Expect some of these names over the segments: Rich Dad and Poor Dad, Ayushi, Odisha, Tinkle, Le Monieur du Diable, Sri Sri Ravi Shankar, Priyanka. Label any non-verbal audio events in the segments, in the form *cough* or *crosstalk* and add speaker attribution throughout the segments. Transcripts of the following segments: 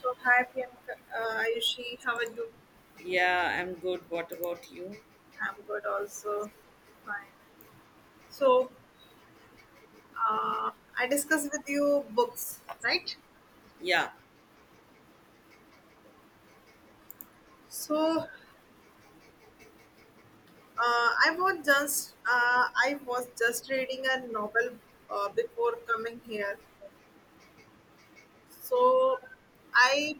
Speaker 1: So hi Priyanka, Ayushi, how are you?
Speaker 2: Yeah, I'm good. What about you?
Speaker 1: I'm good also. Fine. So uh, I discussed with you books, right?
Speaker 2: Yeah,
Speaker 1: So I was just reading a novel before coming here. So I,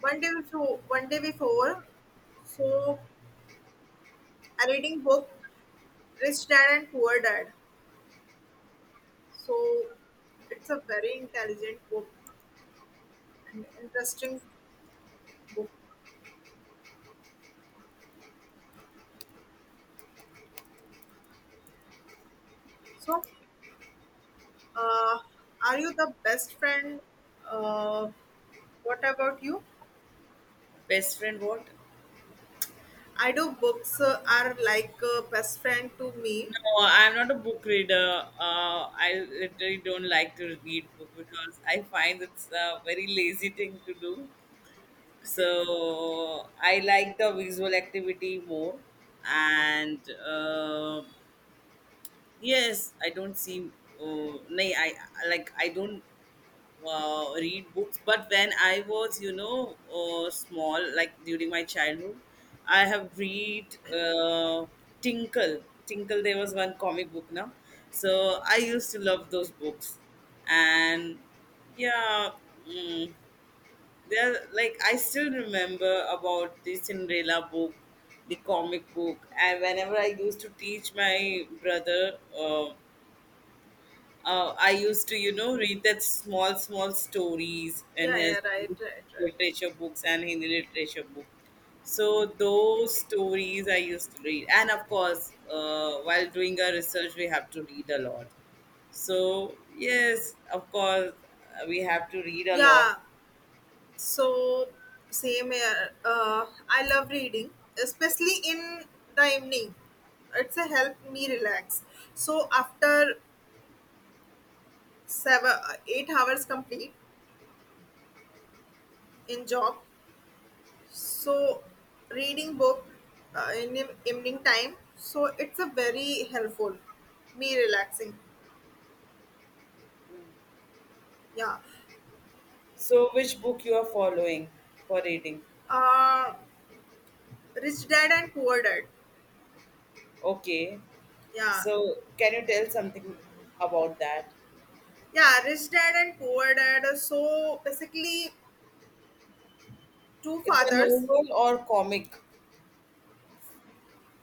Speaker 1: one day before, so I reading book Rich Dad and Poor Dad. So it's a very intelligent book and interesting book. So uh, are you the best friend, uh, what about you?
Speaker 2: best friend. What?
Speaker 1: I do books are like best friend to me.
Speaker 2: No, I'm not a book reader. I literally don't like to read book because I find it's a very lazy thing to do.
Speaker 1: Okay.
Speaker 2: So I like the visual activity more, and yes, I don't see. Nay, like I don't read books, but when I was small, like during my childhood I have read, uh, Tinkle. Tinkle, there was one comic book now, so I used to love those books. And yeah, mm, they're like, I still remember about the Cinderella book, the comic book. And whenever I used to teach my brother, I used to, read that small, small stories in
Speaker 1: Yeah, yeah,
Speaker 2: his
Speaker 1: right, right, right.
Speaker 2: literature books and Hindi literature book. So those stories I used to read, and of course, while doing our research, we have to read a lot. So yes, of course, we have to read a lot.
Speaker 1: Yeah, so same here, I love reading, especially in the evening. It's a help me relax. So after 7-8 hours complete in job, so reading book in the evening time, so it's a very helpful me relaxing. Yeah.
Speaker 2: So which book you are following for reading?
Speaker 1: uh Rich dad and poor dad.
Speaker 2: Okay.
Speaker 1: Yeah,
Speaker 2: So can you tell something about that?
Speaker 1: yeah, rich dad and poor dad are so basically two
Speaker 2: It's a
Speaker 1: fathers.
Speaker 2: novel or comic?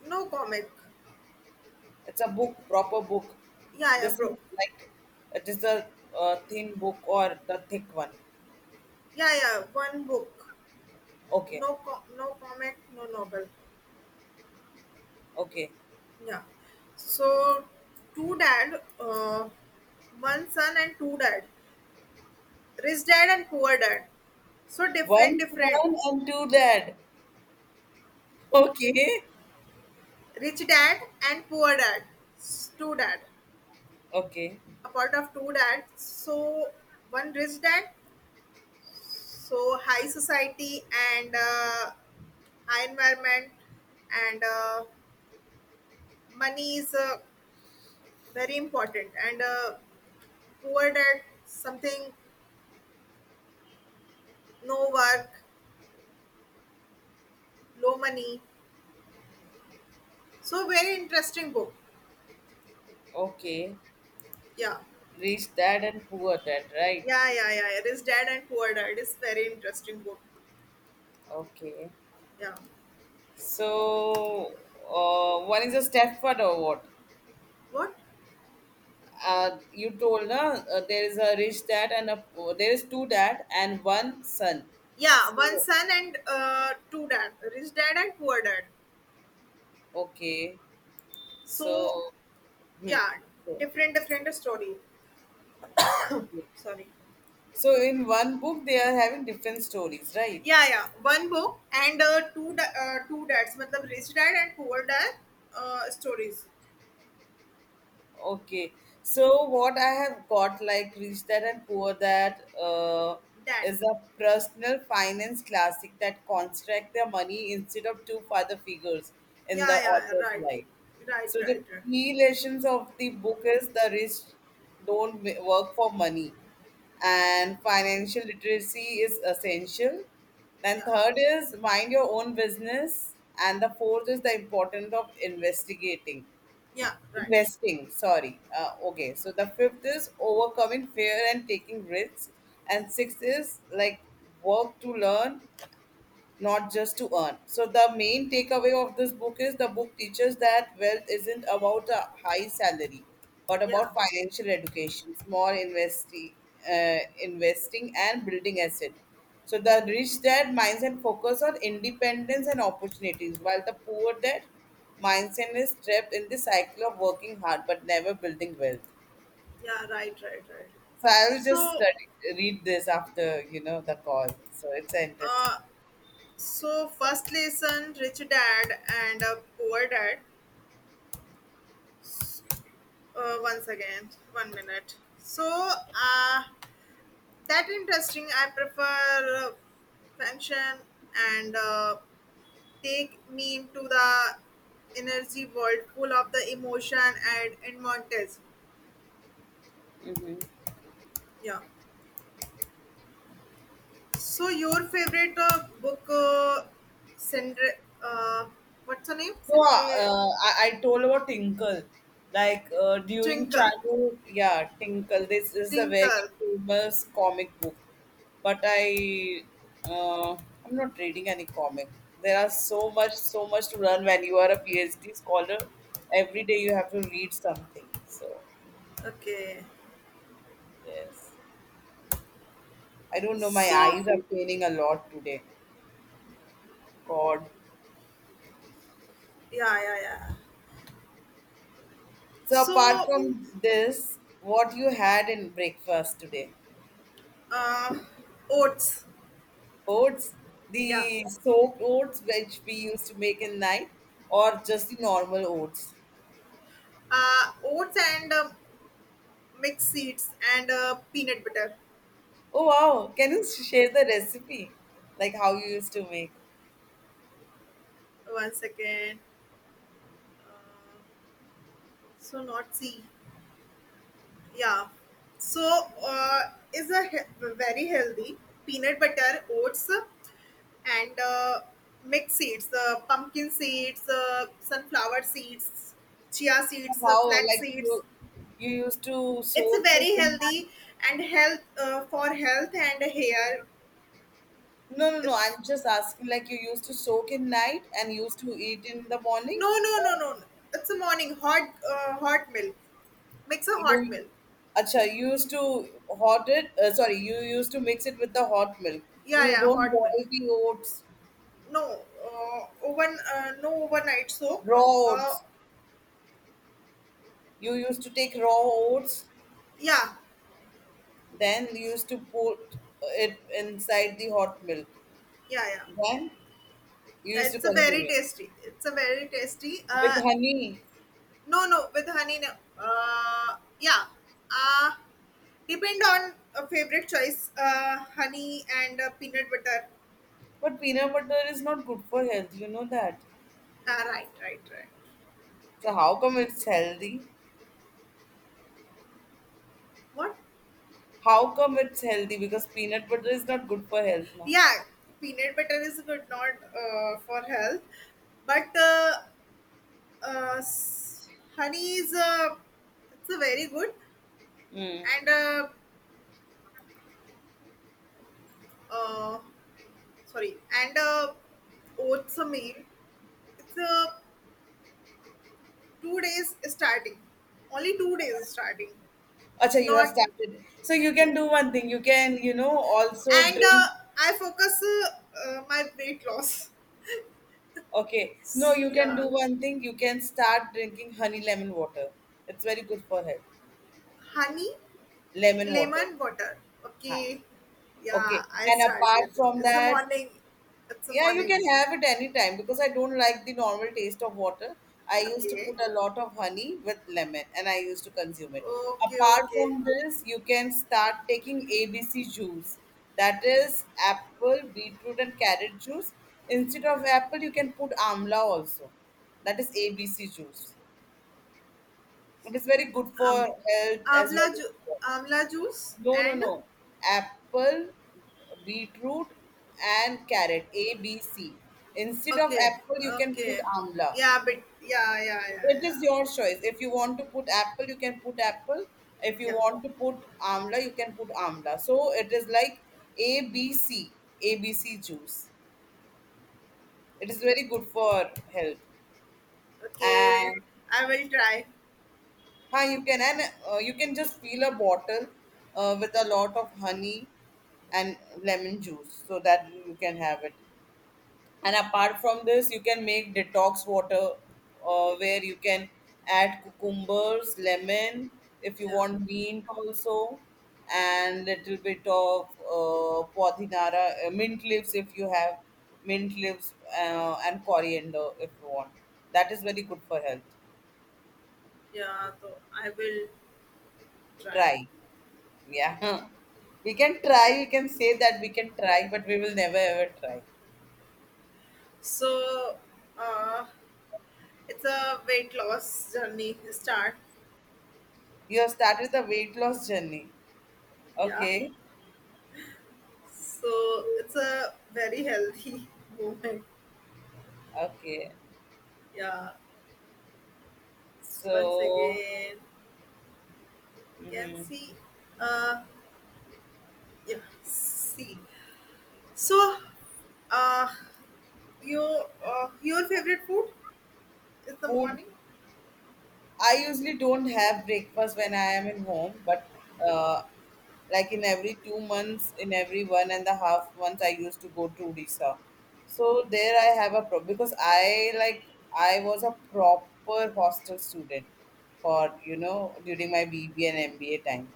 Speaker 1: No comic.
Speaker 2: It's a book, proper book.
Speaker 1: Yeah, yeah,
Speaker 2: This
Speaker 1: bro.
Speaker 2: looks like, it is a thin book or the thick one.
Speaker 1: Yeah, yeah, one book.
Speaker 2: Okay,
Speaker 1: No, no comic, no novel.
Speaker 2: okay.
Speaker 1: Yeah. So two dad, one son and two dad, Rich Dad and Poor Dad. So
Speaker 2: One
Speaker 1: different, different.
Speaker 2: son and two dad. *laughs* Okay,
Speaker 1: Rich Dad and Poor Dad. Two Dad.
Speaker 2: okay,
Speaker 1: A part of two dads. So one rich dad, so high society and high environment, and money is very important. And poor dad, something no work, low money. So very interesting book.
Speaker 2: okay.
Speaker 1: Yeah.
Speaker 2: Rich dad and poor dad, right?
Speaker 1: Yeah, yeah, yeah, yeah. Rich Dad and Poor Dad is very interesting book.
Speaker 2: Okay.
Speaker 1: Yeah.
Speaker 2: So one is a Stepford what?
Speaker 1: What?
Speaker 2: You told na, there is a rich dad and there is two dad and one son.
Speaker 1: Yeah, one
Speaker 2: So
Speaker 1: son and two dad, rich dad and poor dad.
Speaker 2: okay,
Speaker 1: So,
Speaker 2: so. Hmm.
Speaker 1: yeah,
Speaker 2: So,
Speaker 1: different different story.
Speaker 2: yeah.
Speaker 1: Sorry.
Speaker 2: So in one book they are having different stories, right?
Speaker 1: Yeah, yeah, one book and two dads, मतलब rich dad and poor dad stories.
Speaker 2: Okay. So what I have got, like, Rich Dad and Poor Dad
Speaker 1: Dad.
Speaker 2: is a personal finance classic that construct their money instead of two father figures in the
Speaker 1: Yeah, yeah, yeah,
Speaker 2: author's
Speaker 1: right,
Speaker 2: life.
Speaker 1: right,
Speaker 2: So the
Speaker 1: right, right.
Speaker 2: key lessons of the book is, the rich don't work for money, and financial literacy is essential. Then
Speaker 1: Yeah,
Speaker 2: third is mind your own business, and the fourth is the importance of investigating.
Speaker 1: yeah, right.
Speaker 2: Investing, sorry. Okay, so the fifth is overcoming fear and taking risks, and sixth is like work to learn, not just to earn. So the main takeaway of this book is, the book teaches that wealth isn't about a high salary, but
Speaker 1: Yeah,
Speaker 2: about financial education, small investing, and building asset. So the rich dad mindset focus on independence and opportunities, while the poor dad mindset is trapped in the cycle of working hard but never building wealth.
Speaker 1: yeah, right, right, right.
Speaker 2: So I will just
Speaker 1: So,
Speaker 2: study, read this after the call. So it's an interesting.
Speaker 1: uh, so first lesson, rich dad and poor dad. Once again, one minute. So uh, that interesting I prefer function, and take me into the energy world full of the emotion and advantage.
Speaker 2: Mm-hmm.
Speaker 1: Yeah. So your favorite book Sindri- uh what's her name?
Speaker 2: No,
Speaker 1: Sindri?
Speaker 2: I told about Tinkle. Like during
Speaker 1: Tinkle.
Speaker 2: childhood, yeah, Tinkle. This is a very
Speaker 1: Tinkle.
Speaker 2: famous comic book, but I'm not reading any comic. There are so much, so much to learn when you are a PhD scholar. Every day you have to read something. So,
Speaker 1: Okay.
Speaker 2: yes, I don't know. My
Speaker 1: So
Speaker 2: eyes are paining a lot today. God.
Speaker 1: yeah, yeah, yeah.
Speaker 2: So apart
Speaker 1: So
Speaker 2: from this, what you had in breakfast today?
Speaker 1: uh, oats.
Speaker 2: Oats,
Speaker 1: Yeah.
Speaker 2: the soaked oats which we used to make in night, or just the normal oats?
Speaker 1: Oats and mixed seeds and peanut butter.
Speaker 2: Oh wow! Can you share the recipe, like how you used to make?
Speaker 1: One second. Uh, so not see. Yeah. So is a very healthy peanut butter, oats, and mixed seeds, pumpkin seeds, sunflower seeds, chia seeds,
Speaker 2: Wow!
Speaker 1: flax
Speaker 2: Like
Speaker 1: seeds.
Speaker 2: you used to
Speaker 1: It's a
Speaker 2: soak it
Speaker 1: very
Speaker 2: in night?
Speaker 1: healthy and health, for health and hair.
Speaker 2: No, no, no.
Speaker 1: It's
Speaker 2: I'm just asking. Like, you used to soak in night and used to eat in the morning?
Speaker 1: no, no, no, no, no. It's a morning hot, hot milk. Mix a hot
Speaker 2: You,
Speaker 1: milk.
Speaker 2: acha, you used to hot it. Sorry, you used to mix it with the hot milk.
Speaker 1: Yeah,
Speaker 2: You
Speaker 1: yeah,
Speaker 2: don't
Speaker 1: hot milk.
Speaker 2: boil the oats,
Speaker 1: No, oven, no overnight soak.
Speaker 2: raw
Speaker 1: Uh,
Speaker 2: oats. You used to take raw oats,
Speaker 1: yeah,
Speaker 2: then you used to put it inside the hot milk.
Speaker 1: yeah, yeah.
Speaker 2: Then you
Speaker 1: Yeah,
Speaker 2: used to
Speaker 1: it's a
Speaker 2: consume
Speaker 1: very
Speaker 2: it
Speaker 1: tasty. It's a very tasty.
Speaker 2: with honey.
Speaker 1: No, no, with honey. No. Yeah. Uh, depend on a favorite choice. Honey and peanut butter.
Speaker 2: But peanut butter is not good for health, you know that.
Speaker 1: Right, right, right.
Speaker 2: So how come it's healthy?
Speaker 1: What?
Speaker 2: How come it's healthy? Because peanut butter is not good for health now.
Speaker 1: Yeah, peanut butter is good not for health, but uh, s- honey is it's a very good,
Speaker 2: Mm.
Speaker 1: and uh, sorry, and oats a meal, it's 2 days starting, only 2 days starting,
Speaker 2: Acha, you have
Speaker 1: not,
Speaker 2: started. So you can do one thing. You can, also
Speaker 1: and
Speaker 2: drink.
Speaker 1: I focus my weight loss.
Speaker 2: Okay. No, you can do
Speaker 1: Yeah,
Speaker 2: one thing. You can start drinking honey lemon water. It's very good for health.
Speaker 1: honey.
Speaker 2: Lemon water.
Speaker 1: Lemon water.
Speaker 2: Huh.
Speaker 1: Okay. Yeah,
Speaker 2: Okay.
Speaker 1: I
Speaker 2: And
Speaker 1: start
Speaker 2: apart
Speaker 1: with
Speaker 2: from
Speaker 1: it's a
Speaker 2: that,
Speaker 1: morning. It's a
Speaker 2: yeah, you can
Speaker 1: morning.
Speaker 2: have it anytime because I don't like the normal taste of water. I used to
Speaker 1: Okay.
Speaker 2: put a lot of honey with lemon and I used to consume it.
Speaker 1: Okay,
Speaker 2: Apart
Speaker 1: okay.
Speaker 2: from this, you can start taking ABC juice. That is apple, beetroot, and carrot juice. Instead of apple, you can put amla also. That is ABC juice. It is very good for
Speaker 1: Um
Speaker 2: health as
Speaker 1: Amla
Speaker 2: well.
Speaker 1: amla juice
Speaker 2: No, no,
Speaker 1: and
Speaker 2: no. Apple, beetroot, and carrot. A, B, C. Instead of
Speaker 1: okay.
Speaker 2: apple, you can put
Speaker 1: Okay.
Speaker 2: amla.
Speaker 1: Yeah, but yeah, yeah, yeah,
Speaker 2: It
Speaker 1: yeah.
Speaker 2: is your choice. If you want to put apple, you can put apple. If you
Speaker 1: Yeah.
Speaker 2: want to put amla, you can put amla. So it is like ABC. ABC juice. It is very good for health.
Speaker 1: Okay.
Speaker 2: And
Speaker 1: I will try.
Speaker 2: hi, you can just fill a bottle with a lot of honey and lemon juice so that you can have it. And apart from this, you can make detox water where you can add cucumbers, lemon, if you
Speaker 1: Yeah.
Speaker 2: want mint also, and little bit of podhinara, mint leaves, if you have mint leaves, and coriander if you want. That is very good for health.
Speaker 1: Yeah, so I will try.
Speaker 2: Try. Yeah. *laughs* We can try, we can say that we can try, but we will never ever try.
Speaker 1: So uh it's a weight loss journey start.
Speaker 2: You have started the weight loss journey.
Speaker 1: Yeah.
Speaker 2: Okay.
Speaker 1: So it's a very healthy *laughs* movement.
Speaker 2: Okay.
Speaker 1: Yeah. Once
Speaker 2: So,
Speaker 1: again, can
Speaker 2: mhm.
Speaker 1: see. Uh, yeah. See. So, uh, your favorite food is the
Speaker 2: Food,
Speaker 1: morning.
Speaker 2: I usually don't have breakfast when I am in home, but uh, like in every 2 months, in every 1.5 months, I used to go to Odisha. So there I have a problem, because I like, I was a proper hostel student for during my BB and MBA time.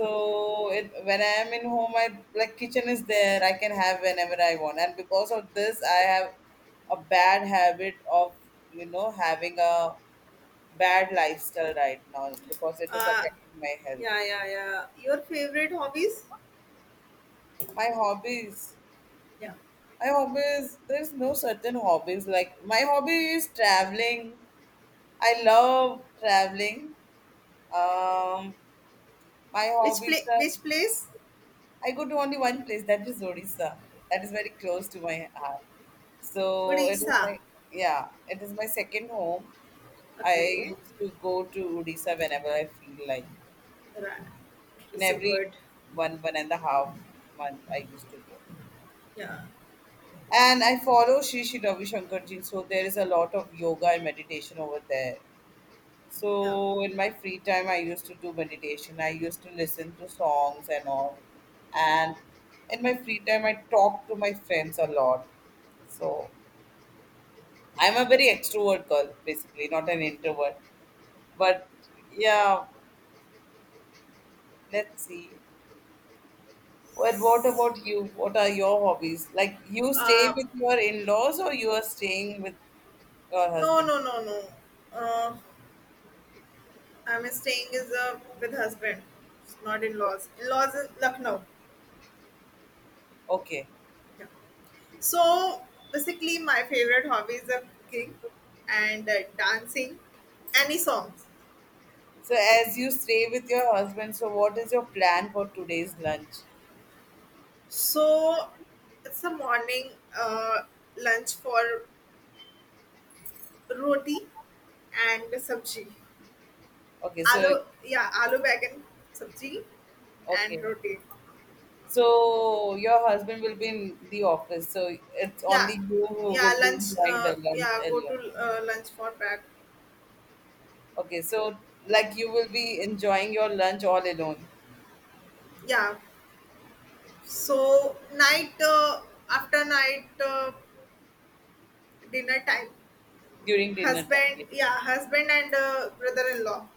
Speaker 1: Okay.
Speaker 2: it, when I am in home, I like, kitchen is there. I can have whenever I want, and because of this, I have a bad habit of having a bad lifestyle right now, because it is
Speaker 1: Uh,
Speaker 2: affecting my health.
Speaker 1: yeah, yeah, yeah. Your favorite hobbies?
Speaker 2: My hobbies,
Speaker 1: Yeah.
Speaker 2: my hobbies, there's no certain hobbies. Like, my hobby is traveling. I love traveling. Um, my
Speaker 1: Which
Speaker 2: hobbies
Speaker 1: play?
Speaker 2: are,
Speaker 1: Which place?
Speaker 2: I go to only one place, that is Odisha. That is very close to my heart. So it is
Speaker 1: Odisha.
Speaker 2: my, yeah, it is my second home. I
Speaker 1: Okay.
Speaker 2: used to go to Odisha whenever I feel like.
Speaker 1: Right.
Speaker 2: In
Speaker 1: So
Speaker 2: every
Speaker 1: good.
Speaker 2: 1.5 month I used to go.
Speaker 1: Yeah.
Speaker 2: And I follow Sri Sri Ravi Shankar ji, so there is a lot of yoga and meditation over there.
Speaker 1: Yeah.
Speaker 2: So in my free time, I used to do meditation. I used to listen to songs and all. And in my free time, I talk to my friends a lot. So I'm a very extrovert girl, basically, not an introvert. But yeah, let's see. Well, what about you? What are your hobbies? Like, you stay
Speaker 1: Uh,
Speaker 2: with your in-laws or you are staying with your
Speaker 1: no,
Speaker 2: husband?
Speaker 1: no, no, no. Uh, I'm staying is with husband, not in laws. In laws is Lucknow.
Speaker 2: Okay.
Speaker 1: Yeah. So basically, my favorite hobby is cooking and dancing, any songs.
Speaker 2: So, as you stay with your husband, so what is your plan for today's lunch?
Speaker 1: So it's a morning uh, lunch for roti and sabji.
Speaker 2: Okay, so.
Speaker 1: Aloo, yeah, aloo bacon sabji
Speaker 2: Okay,
Speaker 1: and roti.
Speaker 2: so your husband will be in the office, so it's only
Speaker 1: Yeah,
Speaker 2: you who
Speaker 1: yeah,
Speaker 2: will be
Speaker 1: lunch.
Speaker 2: enjoying the lunch
Speaker 1: Yeah, go to
Speaker 2: alone.
Speaker 1: lunch for pack.
Speaker 2: Okay, so like, you will be enjoying your lunch all alone,
Speaker 1: Yeah, so
Speaker 2: yeah,
Speaker 1: night after night dinner time,
Speaker 2: during dinner time.
Speaker 1: husband,
Speaker 2: Yeah.
Speaker 1: yeah, husband and brother-in-law,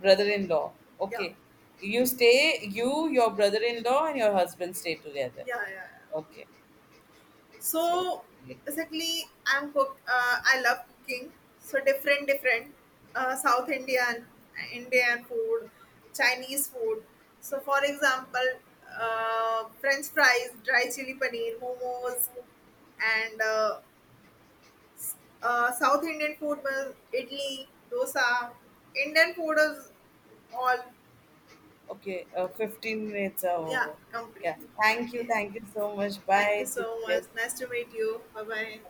Speaker 2: Brother-in-law,
Speaker 1: yeah,
Speaker 2: okay, you stay, you, your brother-in-law, and your husband stay together.
Speaker 1: yeah, yeah, yeah.
Speaker 2: Okay, so.
Speaker 1: So basically, I'm cook. I love cooking. So different, different, South Indian, Indian food, Chinese food. So for example, French fries, dry chili paneer, momos, and South Indian food was idli, dosa. Indian food is all,
Speaker 2: Okay, 15 minutes are
Speaker 1: yeah,
Speaker 2: over.
Speaker 1: complete.
Speaker 2: Yeah, thank you.
Speaker 1: Okay.
Speaker 2: Thank you so much.
Speaker 1: Thank you
Speaker 2: Bye.
Speaker 1: so
Speaker 2: Take
Speaker 1: much.
Speaker 2: care.
Speaker 1: Nice to meet you. Bye bye.